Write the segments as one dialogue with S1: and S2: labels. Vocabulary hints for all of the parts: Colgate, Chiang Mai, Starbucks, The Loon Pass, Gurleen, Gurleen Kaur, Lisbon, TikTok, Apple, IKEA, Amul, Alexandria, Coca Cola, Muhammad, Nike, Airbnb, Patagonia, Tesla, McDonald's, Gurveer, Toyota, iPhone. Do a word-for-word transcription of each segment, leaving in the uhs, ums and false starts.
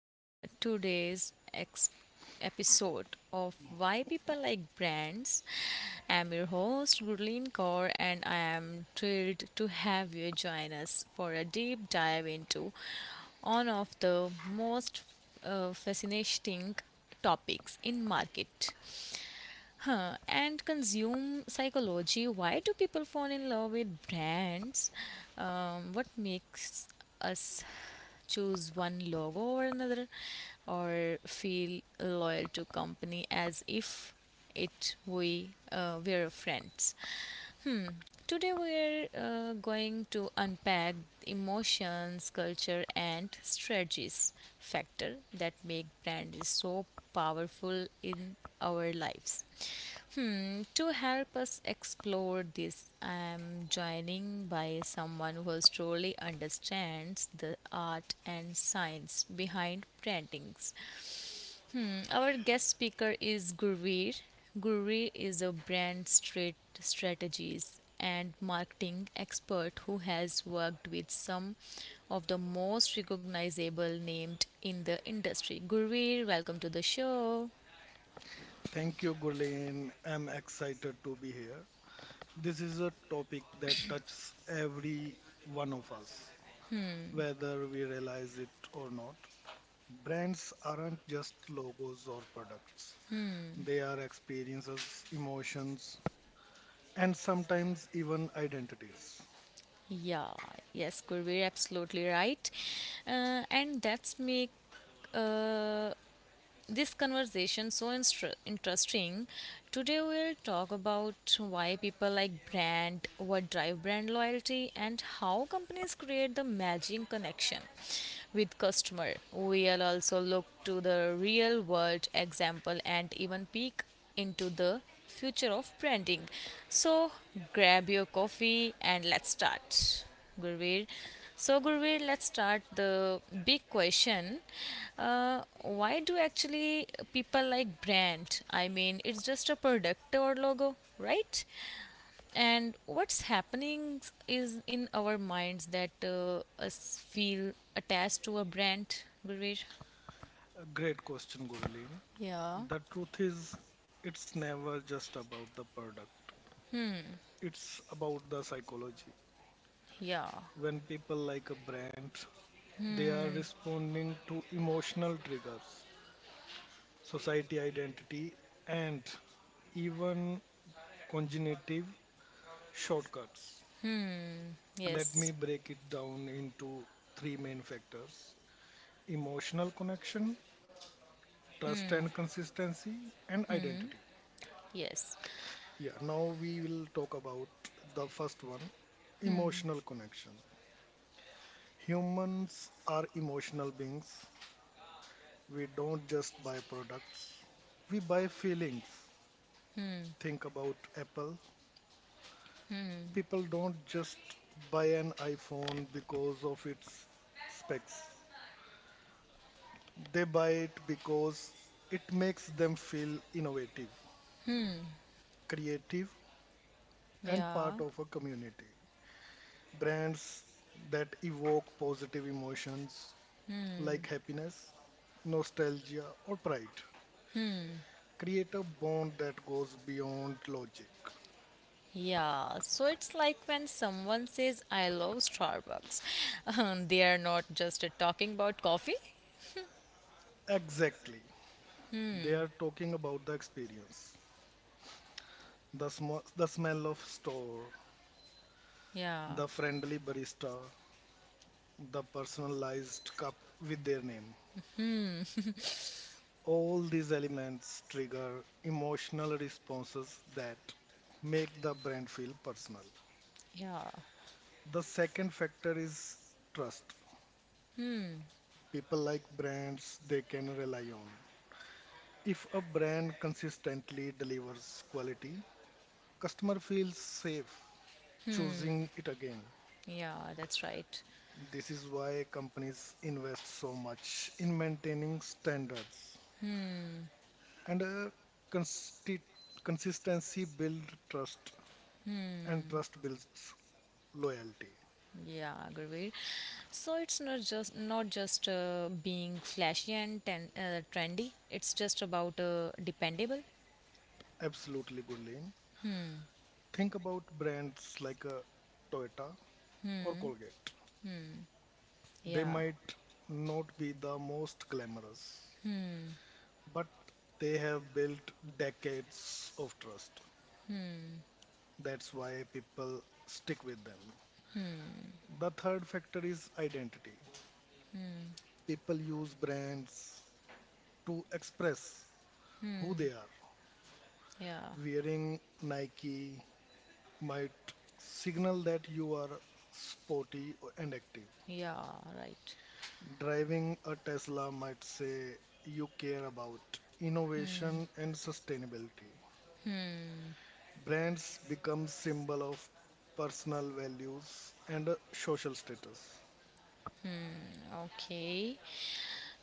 S1: uh, today's ex- episode of Why People Like Brands. I'm your host, Gurleen Kaur, and I am thrilled to have you join us for a deep dive into one of the most uh, fascinating topics in market. Huh. And consume psychology. Why do people fall in love with brands? Um, what makes us choose one logo or another, or feel loyal to company as if it we uh, were friends? Hmm. Today we're uh, going to unpack emotions, culture, and strategies factor that make brands so powerful in our lives. Hmm, to help us explore this, I'm joining by someone who truly understands the art and science behind branding. Hmm, our guest speaker is Gurveer. Gurveer is a brand straight strategies and marketing expert who has worked with some of the most recognizable named in the industry. Gurveer, welcome to the show.
S2: Thank you, Gurleen. I'm excited to be here. This is a topic that touches every one of us, whether we realize it or not. Brands aren't just logos or products, they are experiences, emotions, and sometimes even identities.
S1: Yeah, yes, Gurveer, absolutely right. Uh, and that's make uh, this conversation so instr- interesting. Today we'll talk about why people like brand, what drive brand loyalty, and how companies create the magic connection with customer. We'll also look to the real world example and even peek into the future of branding. So grab your coffee and let's start. Gurveer. So, Gurveer, let's start the big question. Uh, why do actually people like brand? I mean, it's just a product or logo, right? And what's happening is in our minds that uh, us feel attached to a brand, Gurveer?
S2: A great question, Gurleen.
S1: Yeah,
S2: The truth is, it's never just about the product, it's about the psychology.
S1: yeah,
S2: When people like a brand, they are responding to emotional triggers, society identity, and even cognitive shortcuts. Let me
S1: yes,
S2: break it down into three main factors: emotional connection, trust and consistency, and identity.
S1: yes,
S2: Yeah, now we will talk about the first one: emotional connection. Humans are emotional beings. We don't just buy products, we buy feelings. Think about Apple. People don't just buy an iPhone because of its specs, they buy it because it makes them feel innovative, creative, and
S1: yeah.
S2: part of a community. Brands that evoke positive emotions like happiness, nostalgia, or pride create a bond that goes beyond logic.
S1: Yeah, so it's like when someone says, I love Starbucks. Um, they are not just uh, talking about coffee.
S2: Exactly. They are talking about the experience. The, sm- the smell of store,
S1: Yeah,
S2: the friendly barista, the personalized cup with their name. All these elements trigger emotional responses that make the brand feel personal.
S1: yeah,
S2: The second factor is trust. People like brands they can rely on. If a brand consistently delivers quality, customer feels safe choosing it again.
S1: yeah, that's right.
S2: This is why companies invest so much in maintaining standards. And uh, consti- consistency builds trust, and trust builds loyalty.
S1: Yeah, Gurveer. So it's not just not just uh, being flashy and ten, uh, trendy. It's just about uh, dependable.
S2: Absolutely, Gurleen. Think about brands like uh, Toyota or Colgate. They
S1: Yeah,
S2: might not be the most glamorous, but they have built decades of trust. That's why people stick with them. The third factor is identity. People use brands to express who they are.
S1: yeah,
S2: Wearing Nike might signal that you are sporty and active.
S1: yeah, right.
S2: Driving a Tesla might say you care about innovation and sustainability. Brands become symbol of personal values and uh, social status.
S1: Okay,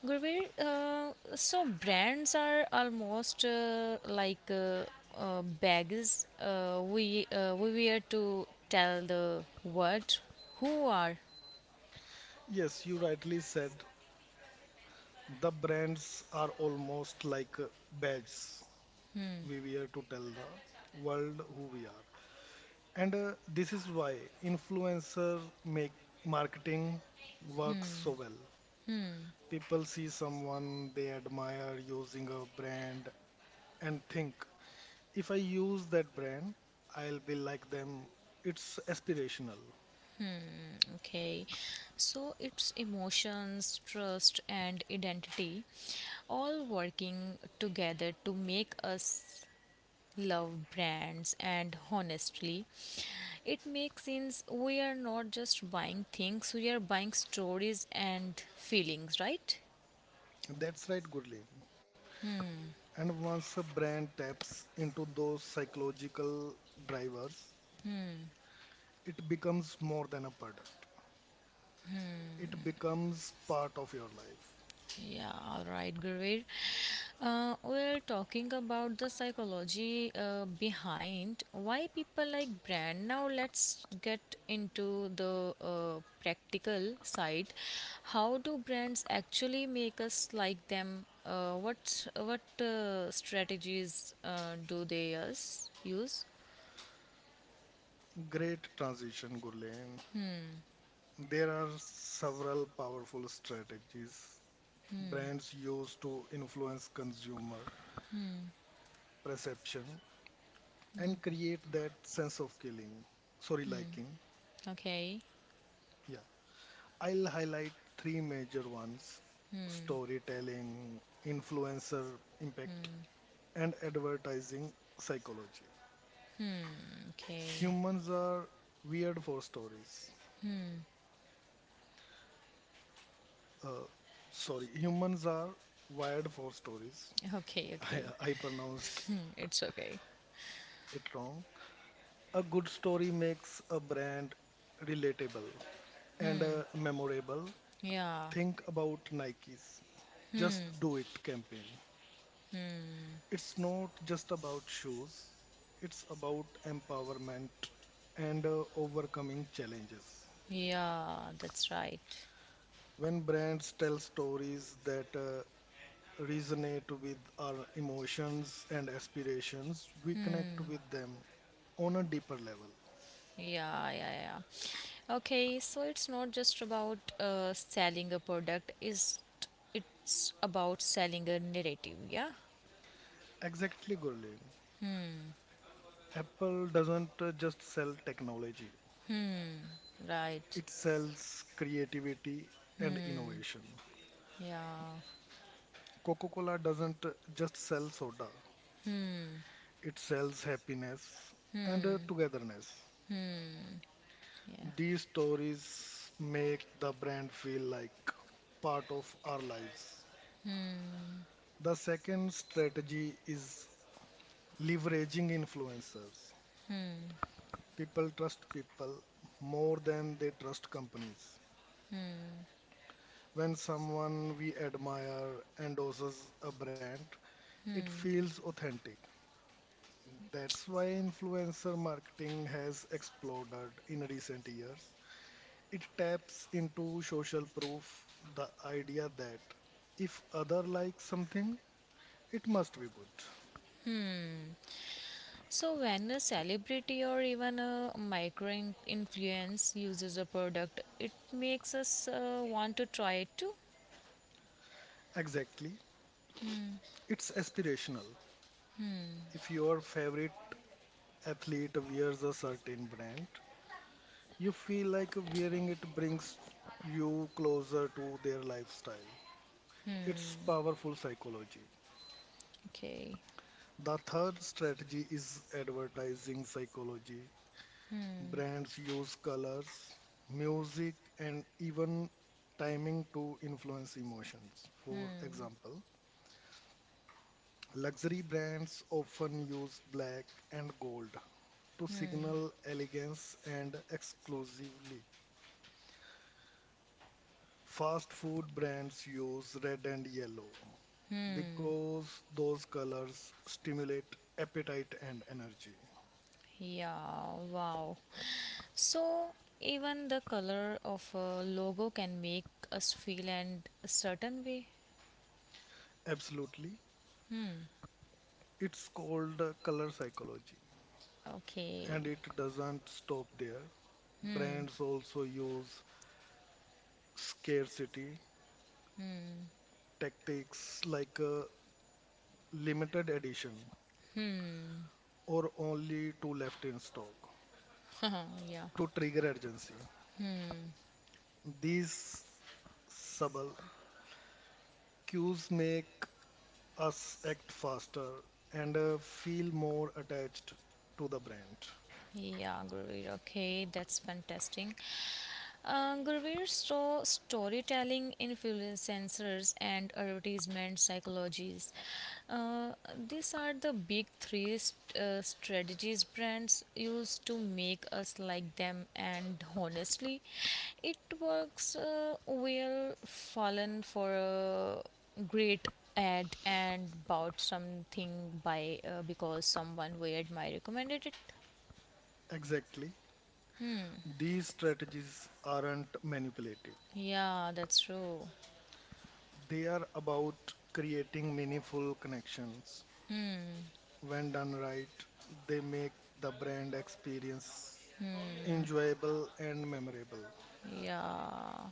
S1: Gurveer. Uh, so brands are almost uh, like uh, uh, bags uh, we uh, we wear to tell the world who are.
S2: Yes, you rightly said the brands are almost like uh, badges we wear to tell the world who we are. And uh, this is why influencer make marketing works so well. People see someone they admire using a brand and think, if I use that brand, I'll be like them. It's aspirational.
S1: Okay, so it's emotions, trust, and identity all working together to make us love brands, and honestly it makes sense. We are not just buying things, we are buying stories and feelings, right?
S2: That's right, Gurleen. And once a brand taps into those psychological drivers, it becomes more than a product. It becomes part of your life.
S1: Yeah, all right, Gurveer. Uh, we're talking about the psychology uh, behind why people like brand. Now, let's get into the uh, practical side. How do brands actually make us like them? Uh, what what uh, strategies uh, do they us use?
S2: Great transition, Gurleen. There are several powerful strategies brands use to influence consumer perception and create that sense of killing, sorry, liking.
S1: Okay,
S2: Yeah, I'll highlight three major ones: storytelling, influencer impact, and advertising psychology.
S1: okay,
S2: Humans are weird for stories. Uh, Sorry, humans are wired for stories.
S1: okay,
S2: I,
S1: okay.
S2: I pronounced
S1: Mm, it's okay.
S2: it wrong. A good story makes a brand relatable and uh, memorable.
S1: Yeah,
S2: Think about Nike's Just Do It campaign. It's not just about shoes, it's about empowerment and uh, overcoming challenges.
S1: yeah, that's right.
S2: When brands tell stories that uh, resonate with our emotions and aspirations, we connect with them on a deeper level.
S1: Yeah, yeah, yeah. Okay, so it's not just about uh, selling a product, is it's about selling a narrative, yeah?
S2: Exactly, Gurleen. Apple doesn't uh, just sell technology,
S1: Right.
S2: it sells creativity and innovation.
S1: Yeah,
S2: Coca Cola doesn't uh, just sell soda, it sells happiness and uh, togetherness.
S1: yeah.
S2: These stories make the brand feel like part of our lives.
S1: Hmm.
S2: The second strategy is leveraging influencers. People trust people more than they trust companies. When someone we admire endorses a brand, it feels authentic. That's why influencer marketing has exploded in recent years. It taps into social proof, the idea that if other like something, it must be good.
S1: So when a celebrity or even a micro in- influence uses a product, it makes us uh, want to try it too.
S2: Exactly. It's aspirational. If your favorite athlete wears a certain brand, you feel like wearing it brings you closer to their lifestyle. It's powerful psychology.
S1: Okay.
S2: The third strategy is advertising psychology. Brands use colors, music, and even timing to influence emotions. For example, luxury brands often use black and gold to signal elegance and exclusively. Fast food brands use red and yellow
S1: Hmm.
S2: because those colors stimulate appetite and energy.
S1: Yeah, wow. So, even the color of a logo can make us feel and a certain way.
S2: Absolutely. It's called uh, color psychology,
S1: Okay.
S2: and it doesn't stop there. Brands also use scarcity tactics like uh, limited edition
S1: Hmm.
S2: or only two left in stock
S1: yeah.
S2: to trigger urgency. These subtle cues make us act faster and uh, feel more attached to the brand.
S1: Yeah, Gurveer. Okay, that's fantastic. Uh, Gurveer, so storytelling influence sensors and advertisement psychologies. Uh, these are the big three st- uh, strategies brands use to make us like them, and honestly, it works uh, well. Fallen for a great ad and bought something by uh, because someone weird my recommended it.
S2: Exactly. These strategies aren't manipulative.
S1: Yeah, that's true.
S2: They are about creating meaningful connections. When done right, they make the brand experience enjoyable and memorable.
S1: Yeah.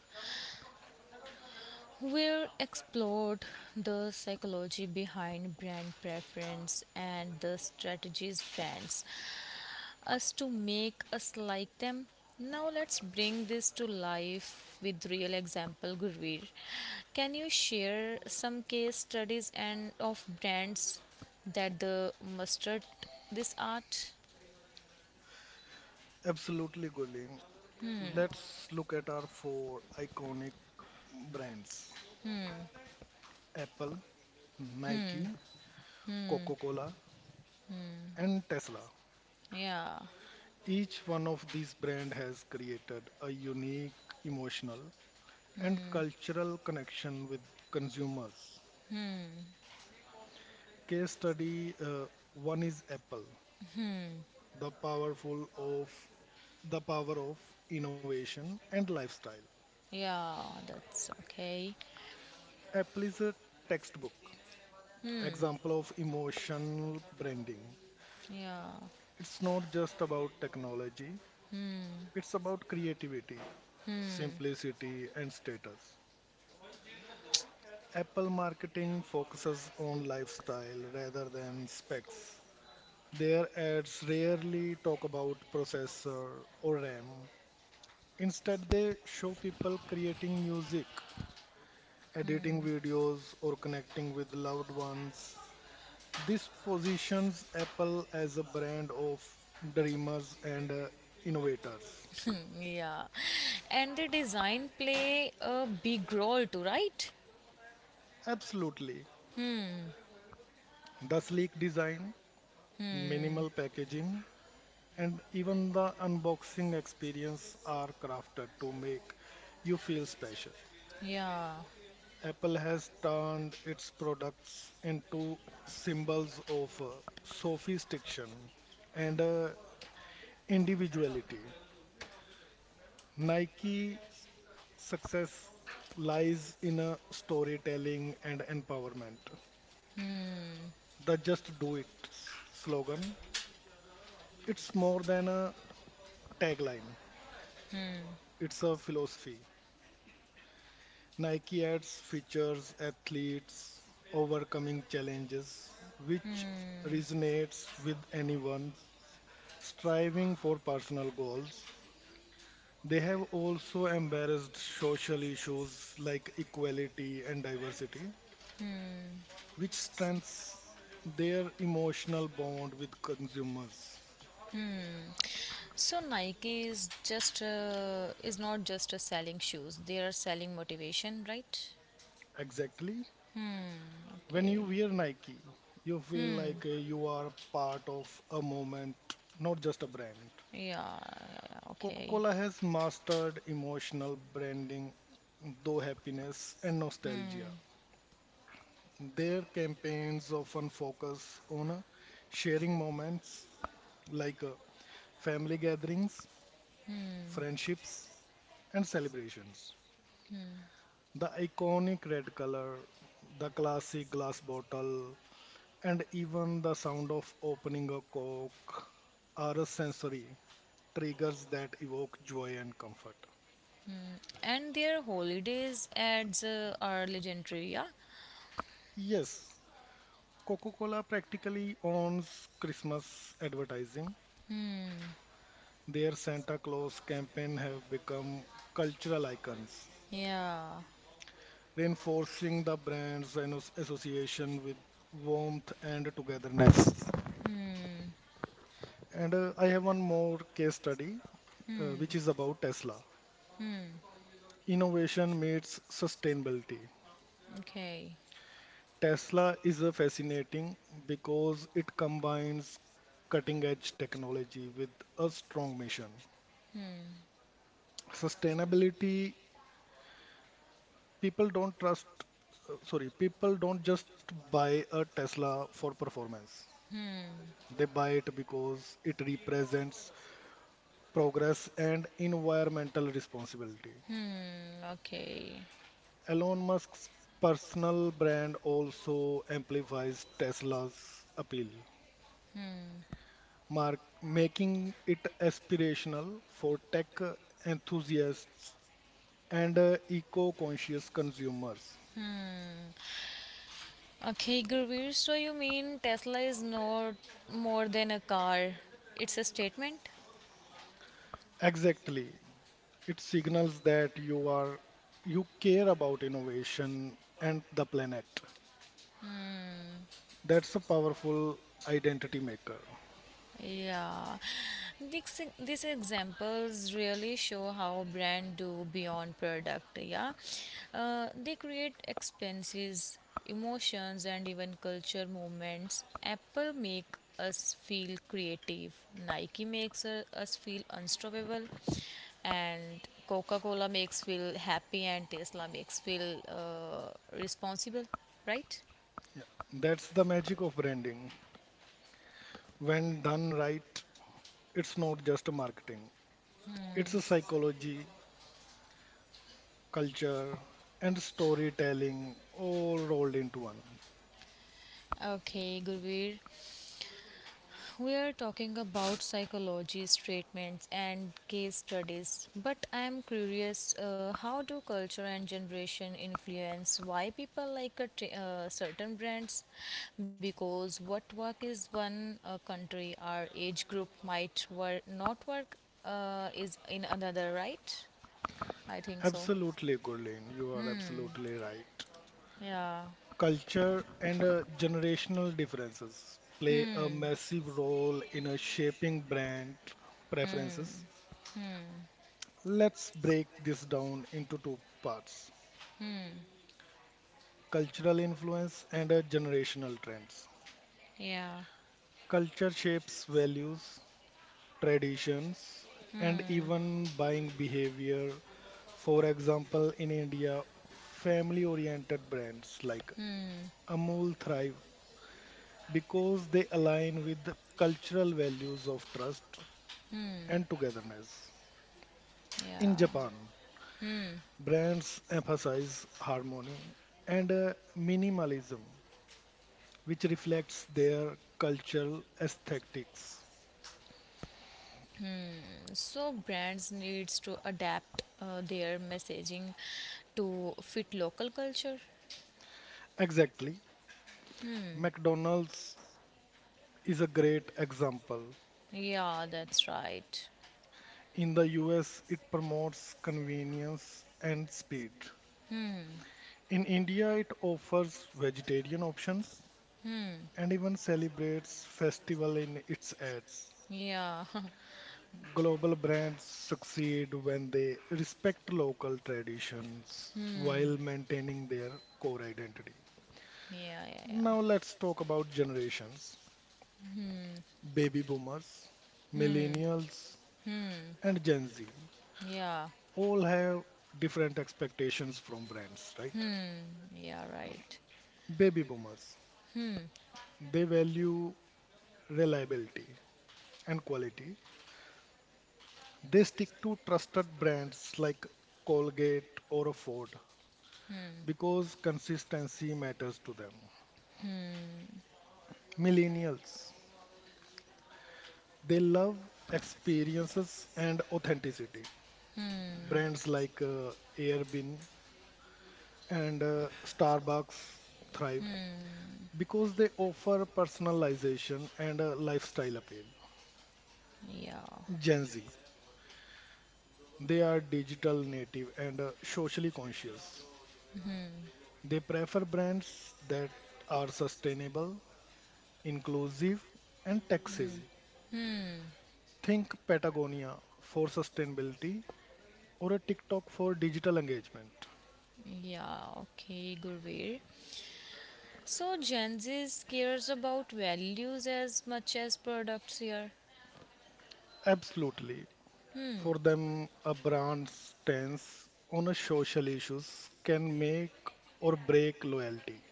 S1: We'll explored the psychology behind brand preference and the strategies brands us to make us like them. Now let's bring this to life with real example, Gurveer. Can you share some case studies and of brands that the mastered this art?
S2: Absolutely, Gulin. Let's look at our four iconic brands: Apple, Nike, Coca Cola, and Tesla.
S1: Yeah.
S2: Each one of these brands has created a unique emotional and cultural connection with consumers. Case study uh, one is Apple, the powerful of the power of innovation and lifestyle.
S1: Yeah, that's okay.
S2: Apple is a textbook example of emotional branding.
S1: Yeah.
S2: It's not just about technology, it's about creativity, simplicity and status. Apple marketing focuses on lifestyle rather than specs. Their ads rarely talk about processor or RAM. Instead, they show people creating music, editing videos, or connecting with loved ones. This positions Apple as a brand of dreamers and uh, innovators.
S1: Yeah. And the design play a big role too, right?
S2: Absolutely. The sleek design, minimal packaging, and even the unboxing experience are crafted to make you feel special.
S1: Yeah.
S2: Apple has turned its products into symbols of uh, sophistication and uh, individuality. Nike's success lies in uh, storytelling and empowerment. The Just Do It s- slogan. it's more than a tagline, it's a philosophy. Nike ads features athletes overcoming challenges, which resonates with anyone striving for personal goals. They have also embraced social issues like equality and diversity, which strengthens their emotional bond with consumers.
S1: So Nike is just uh, is not just a selling shoes. They are selling motivation, right?
S2: Exactly. When
S1: Okay.
S2: you wear Nike, you feel like uh, you are part of a moment, not just a brand.
S1: Yeah, yeah,
S2: Coca
S1: okay.
S2: Cola has mastered emotional branding, though happiness and nostalgia. Their campaigns often focus on uh, sharing moments like uh, family gatherings, friendships, and celebrations. The iconic red color, the classic glass bottle, and even the sound of opening a Coke are a sensory triggers that evoke joy and comfort.
S1: And their holidays ads uh, are legendary. Yeah.
S2: Yes, Coca Cola practically owns Christmas advertising. Their Santa Claus campaign have become cultural icons,
S1: Yeah.
S2: reinforcing the brand's an- association with warmth and togetherness. And uh, I have one more case study, uh, which is about Tesla. Innovation meets sustainability.
S1: Okay.
S2: Tesla is a fascinating because it combines cutting edge technology with a strong mission. Sustainability. people don't trust uh, sorry People don't just buy a Tesla for performance, they buy it because it represents progress and environmental responsibility.
S1: Hmm. Okay.
S2: Elon Musk's personal brand also amplifies Tesla's appeal, mark making it aspirational for tech enthusiasts and uh, eco-conscious consumers.
S1: Okay, Gurveer. So you mean Tesla is not more than a car? It's a statement.
S2: Exactly. It signals that you are you care about innovation and the planet. That's a powerful identity maker.
S1: Yeah, these, these examples really show how brand do beyond product. Yeah, uh, they create experiences, emotions, and even culture movements. Apple make us feel creative. Nike makes uh, us feel unstoppable, and Coca Cola makes feel happy, and Tesla makes feel uh, responsible. Right?
S2: Yeah. That's the magic of branding. When done right, it's not just a marketing. It's a psychology, culture, and storytelling all rolled into one.
S1: Okay, Gurveer. We are talking about psychology, treatments, and case studies. But I am curious, uh, how do culture and generation influence why people like a tr- uh, certain brands? Because what work is one uh, country, our age group might wor- not work uh, is in another, right? I think so.
S2: Absolutely, Gurleen. You are absolutely right.
S1: Yeah,
S2: Culture and uh, generational differences play a massive role in uh, shaping brand preferences. Let's break this down into two parts: cultural influence and uh, generational trends.
S1: yeah,
S2: Culture shapes values, traditions, and even buying behavior. For example, in India, family oriented brands like
S1: hmm,
S2: Amul thrive because they align with the cultural values of trust and togetherness. In
S1: yeah.
S2: Japan, brands emphasize harmony and uh, minimalism, which reflects their cultural aesthetics.
S1: So brands needs to adapt uh, their messaging to fit local culture.
S2: Exactly, McDonald's is a great example.
S1: Yeah, that's right.
S2: In the U S, it promotes convenience and speed. In India, it offers vegetarian options and even celebrates festival in its ads.
S1: Yeah.
S2: Global brands succeed when they respect local traditions while maintaining their core identity.
S1: Yeah, yeah,
S2: Now let's talk about generations. Baby boomers, millennials, and Gen Z
S1: yeah, yeah.
S2: all have different expectations from brands, right?
S1: Hmm. Yeah, right.
S2: Baby boomers, they value reliability and quality. They stick to trusted brands like Colgate or Ford because consistency matters to them.
S1: Hmm.
S2: Millennials, they love experiences and authenticity.
S1: Hmm.
S2: Brands like uh, Airbnb and uh, Starbucks thrive
S1: Hmm.
S2: because they offer personalization and uh, lifestyle appeal.
S1: Yeah,
S2: Gen Z, they are digital native and uh, socially conscious. They prefer brands that are sustainable, inclusive, and tech savvy. Think Patagonia for sustainability or a TikTok for digital engagement.
S1: yeah, okay, Gurveer. So Gen Z cares about values as much as products here.
S2: Absolutely. For them, a brand's stance on a social issues can make or break loyalty.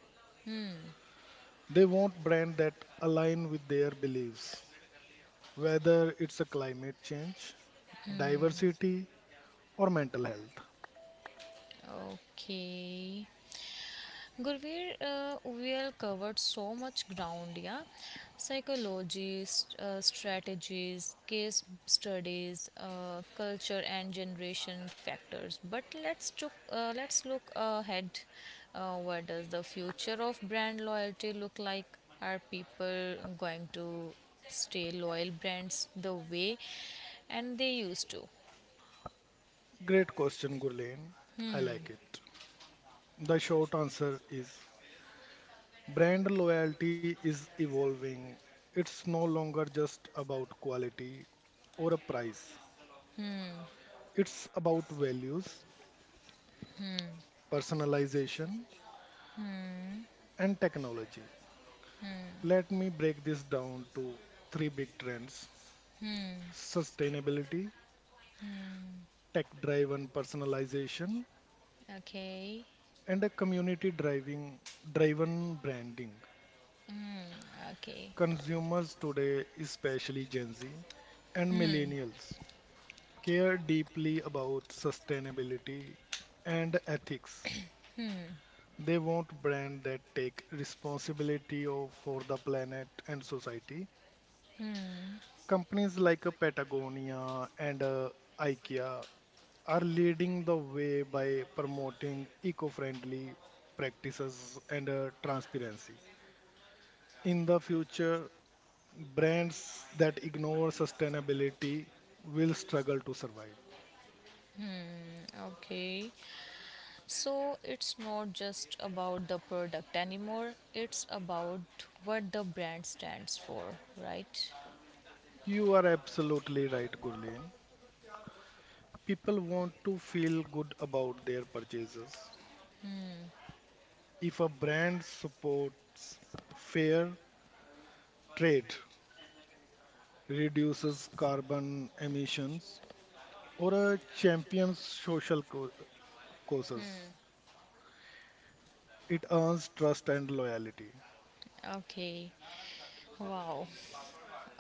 S2: They want brands that align with their beliefs, whether it's a climate change, diversity, or mental health.
S1: Okay, Gurveer, uh, we have covered so much ground, yeah. Psychology, st- uh, strategies, case studies, uh, culture and generation factors. But let's took, uh, let's look ahead. Uh, what does the future of brand loyalty look like? Are people going to stay loyal brands the way and they used to?
S2: Great question, Gurleen. I like it. The short answer is brand loyalty is evolving. It's no longer just about quality or a price.
S1: Hmm.
S2: It's about values personalization,
S1: Hmm.
S2: and technology. Let me break this down to three big trends:
S1: Hmm.
S2: sustainability, tech driven personalization,
S1: Okay.
S2: and a community driving driven branding.
S1: Okay.
S2: Consumers today, especially Gen Z and millennials, care deeply about sustainability and ethics. They want brands that take responsibility of- for the planet and society. Companies like uh, Patagonia and uh, IKEA are leading the way by promoting eco friendly practices and uh, transparency. In the future, brands that ignore sustainability will struggle to survive.
S1: Okay. So it's not just about the product anymore, it's about what the brand stands for, right?
S2: You are absolutely right, Gurleen. People want to feel good about their purchases. If a brand supports fair trade, reduces carbon emissions, or a champion's social co- causes. It earns trust and loyalty.
S1: Okay, wow.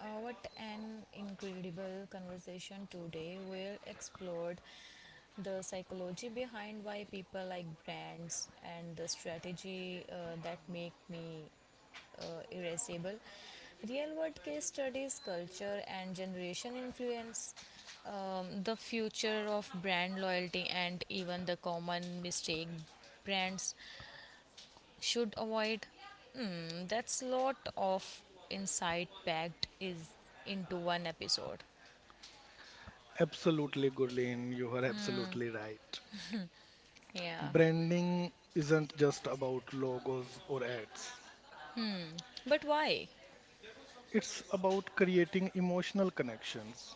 S1: Uh, what an incredible conversation today. We'll explore the psychology behind why people like brands and the strategy uh, that make me uh, irascible. Real world case studies, culture, and generation influence, um, the future of brand loyalty, and even the common mistake brands should avoid. Hmm, that's lot of insight packed is into one episode.
S2: Absolutely, Gurleen, you are absolutely right.
S1: Yeah,
S2: Branding isn't just about logos or ads,
S1: but why.
S2: it's about creating emotional connections,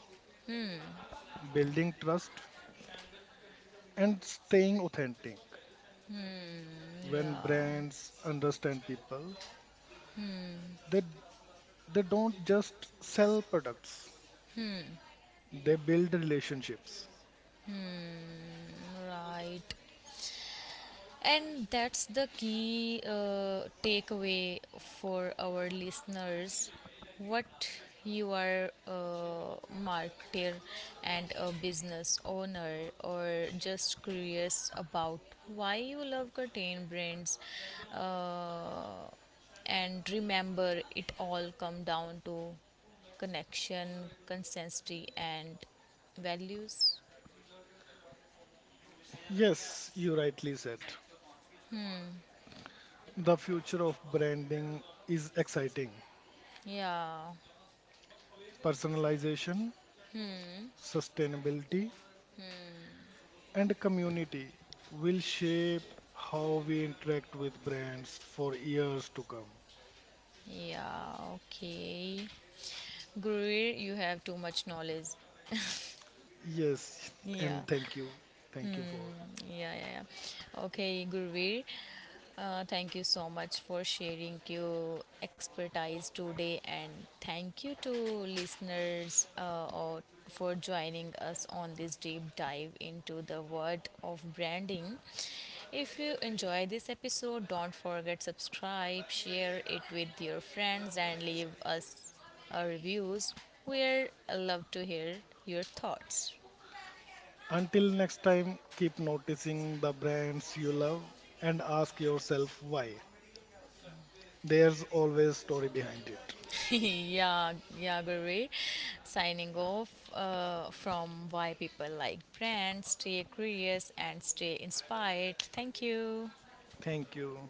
S2: building trust, and staying authentic.
S1: Hmm.
S2: When
S1: Yeah,
S2: brands understand people, they, they don't just sell products, they build relationships.
S1: right. And that's the key uh, takeaway for our listeners. What you are a marketer and a business owner, or just curious about why you love curtain brands, uh, and remember it all come down to connection, consistency, and values.
S2: Yes, you rightly said. The future of branding is exciting.
S1: Yeah.
S2: Personalization, sustainability, and community will shape how we interact with brands for years to come.
S1: Yeah, okay. Greer, you have too much knowledge.
S2: Yes,
S1: Yeah.
S2: and thank you. Thank you for.
S1: Yeah, yeah, yeah, okay, Gurveer. Uh, thank you so much for sharing your expertise today, and thank you to listeners uh, or for joining us on this deep dive into the world of branding. If you enjoy this episode, don't forget subscribe, share it with your friends, and leave us uh, reviews. We love to hear your thoughts.
S2: Until next time, keep noticing the brands you love and ask yourself why. There's always story behind it.
S1: Yeah, yeah, Guri. Signing off uh, from Why People Like Brands. Stay curious and stay inspired. Thank you.
S2: Thank you.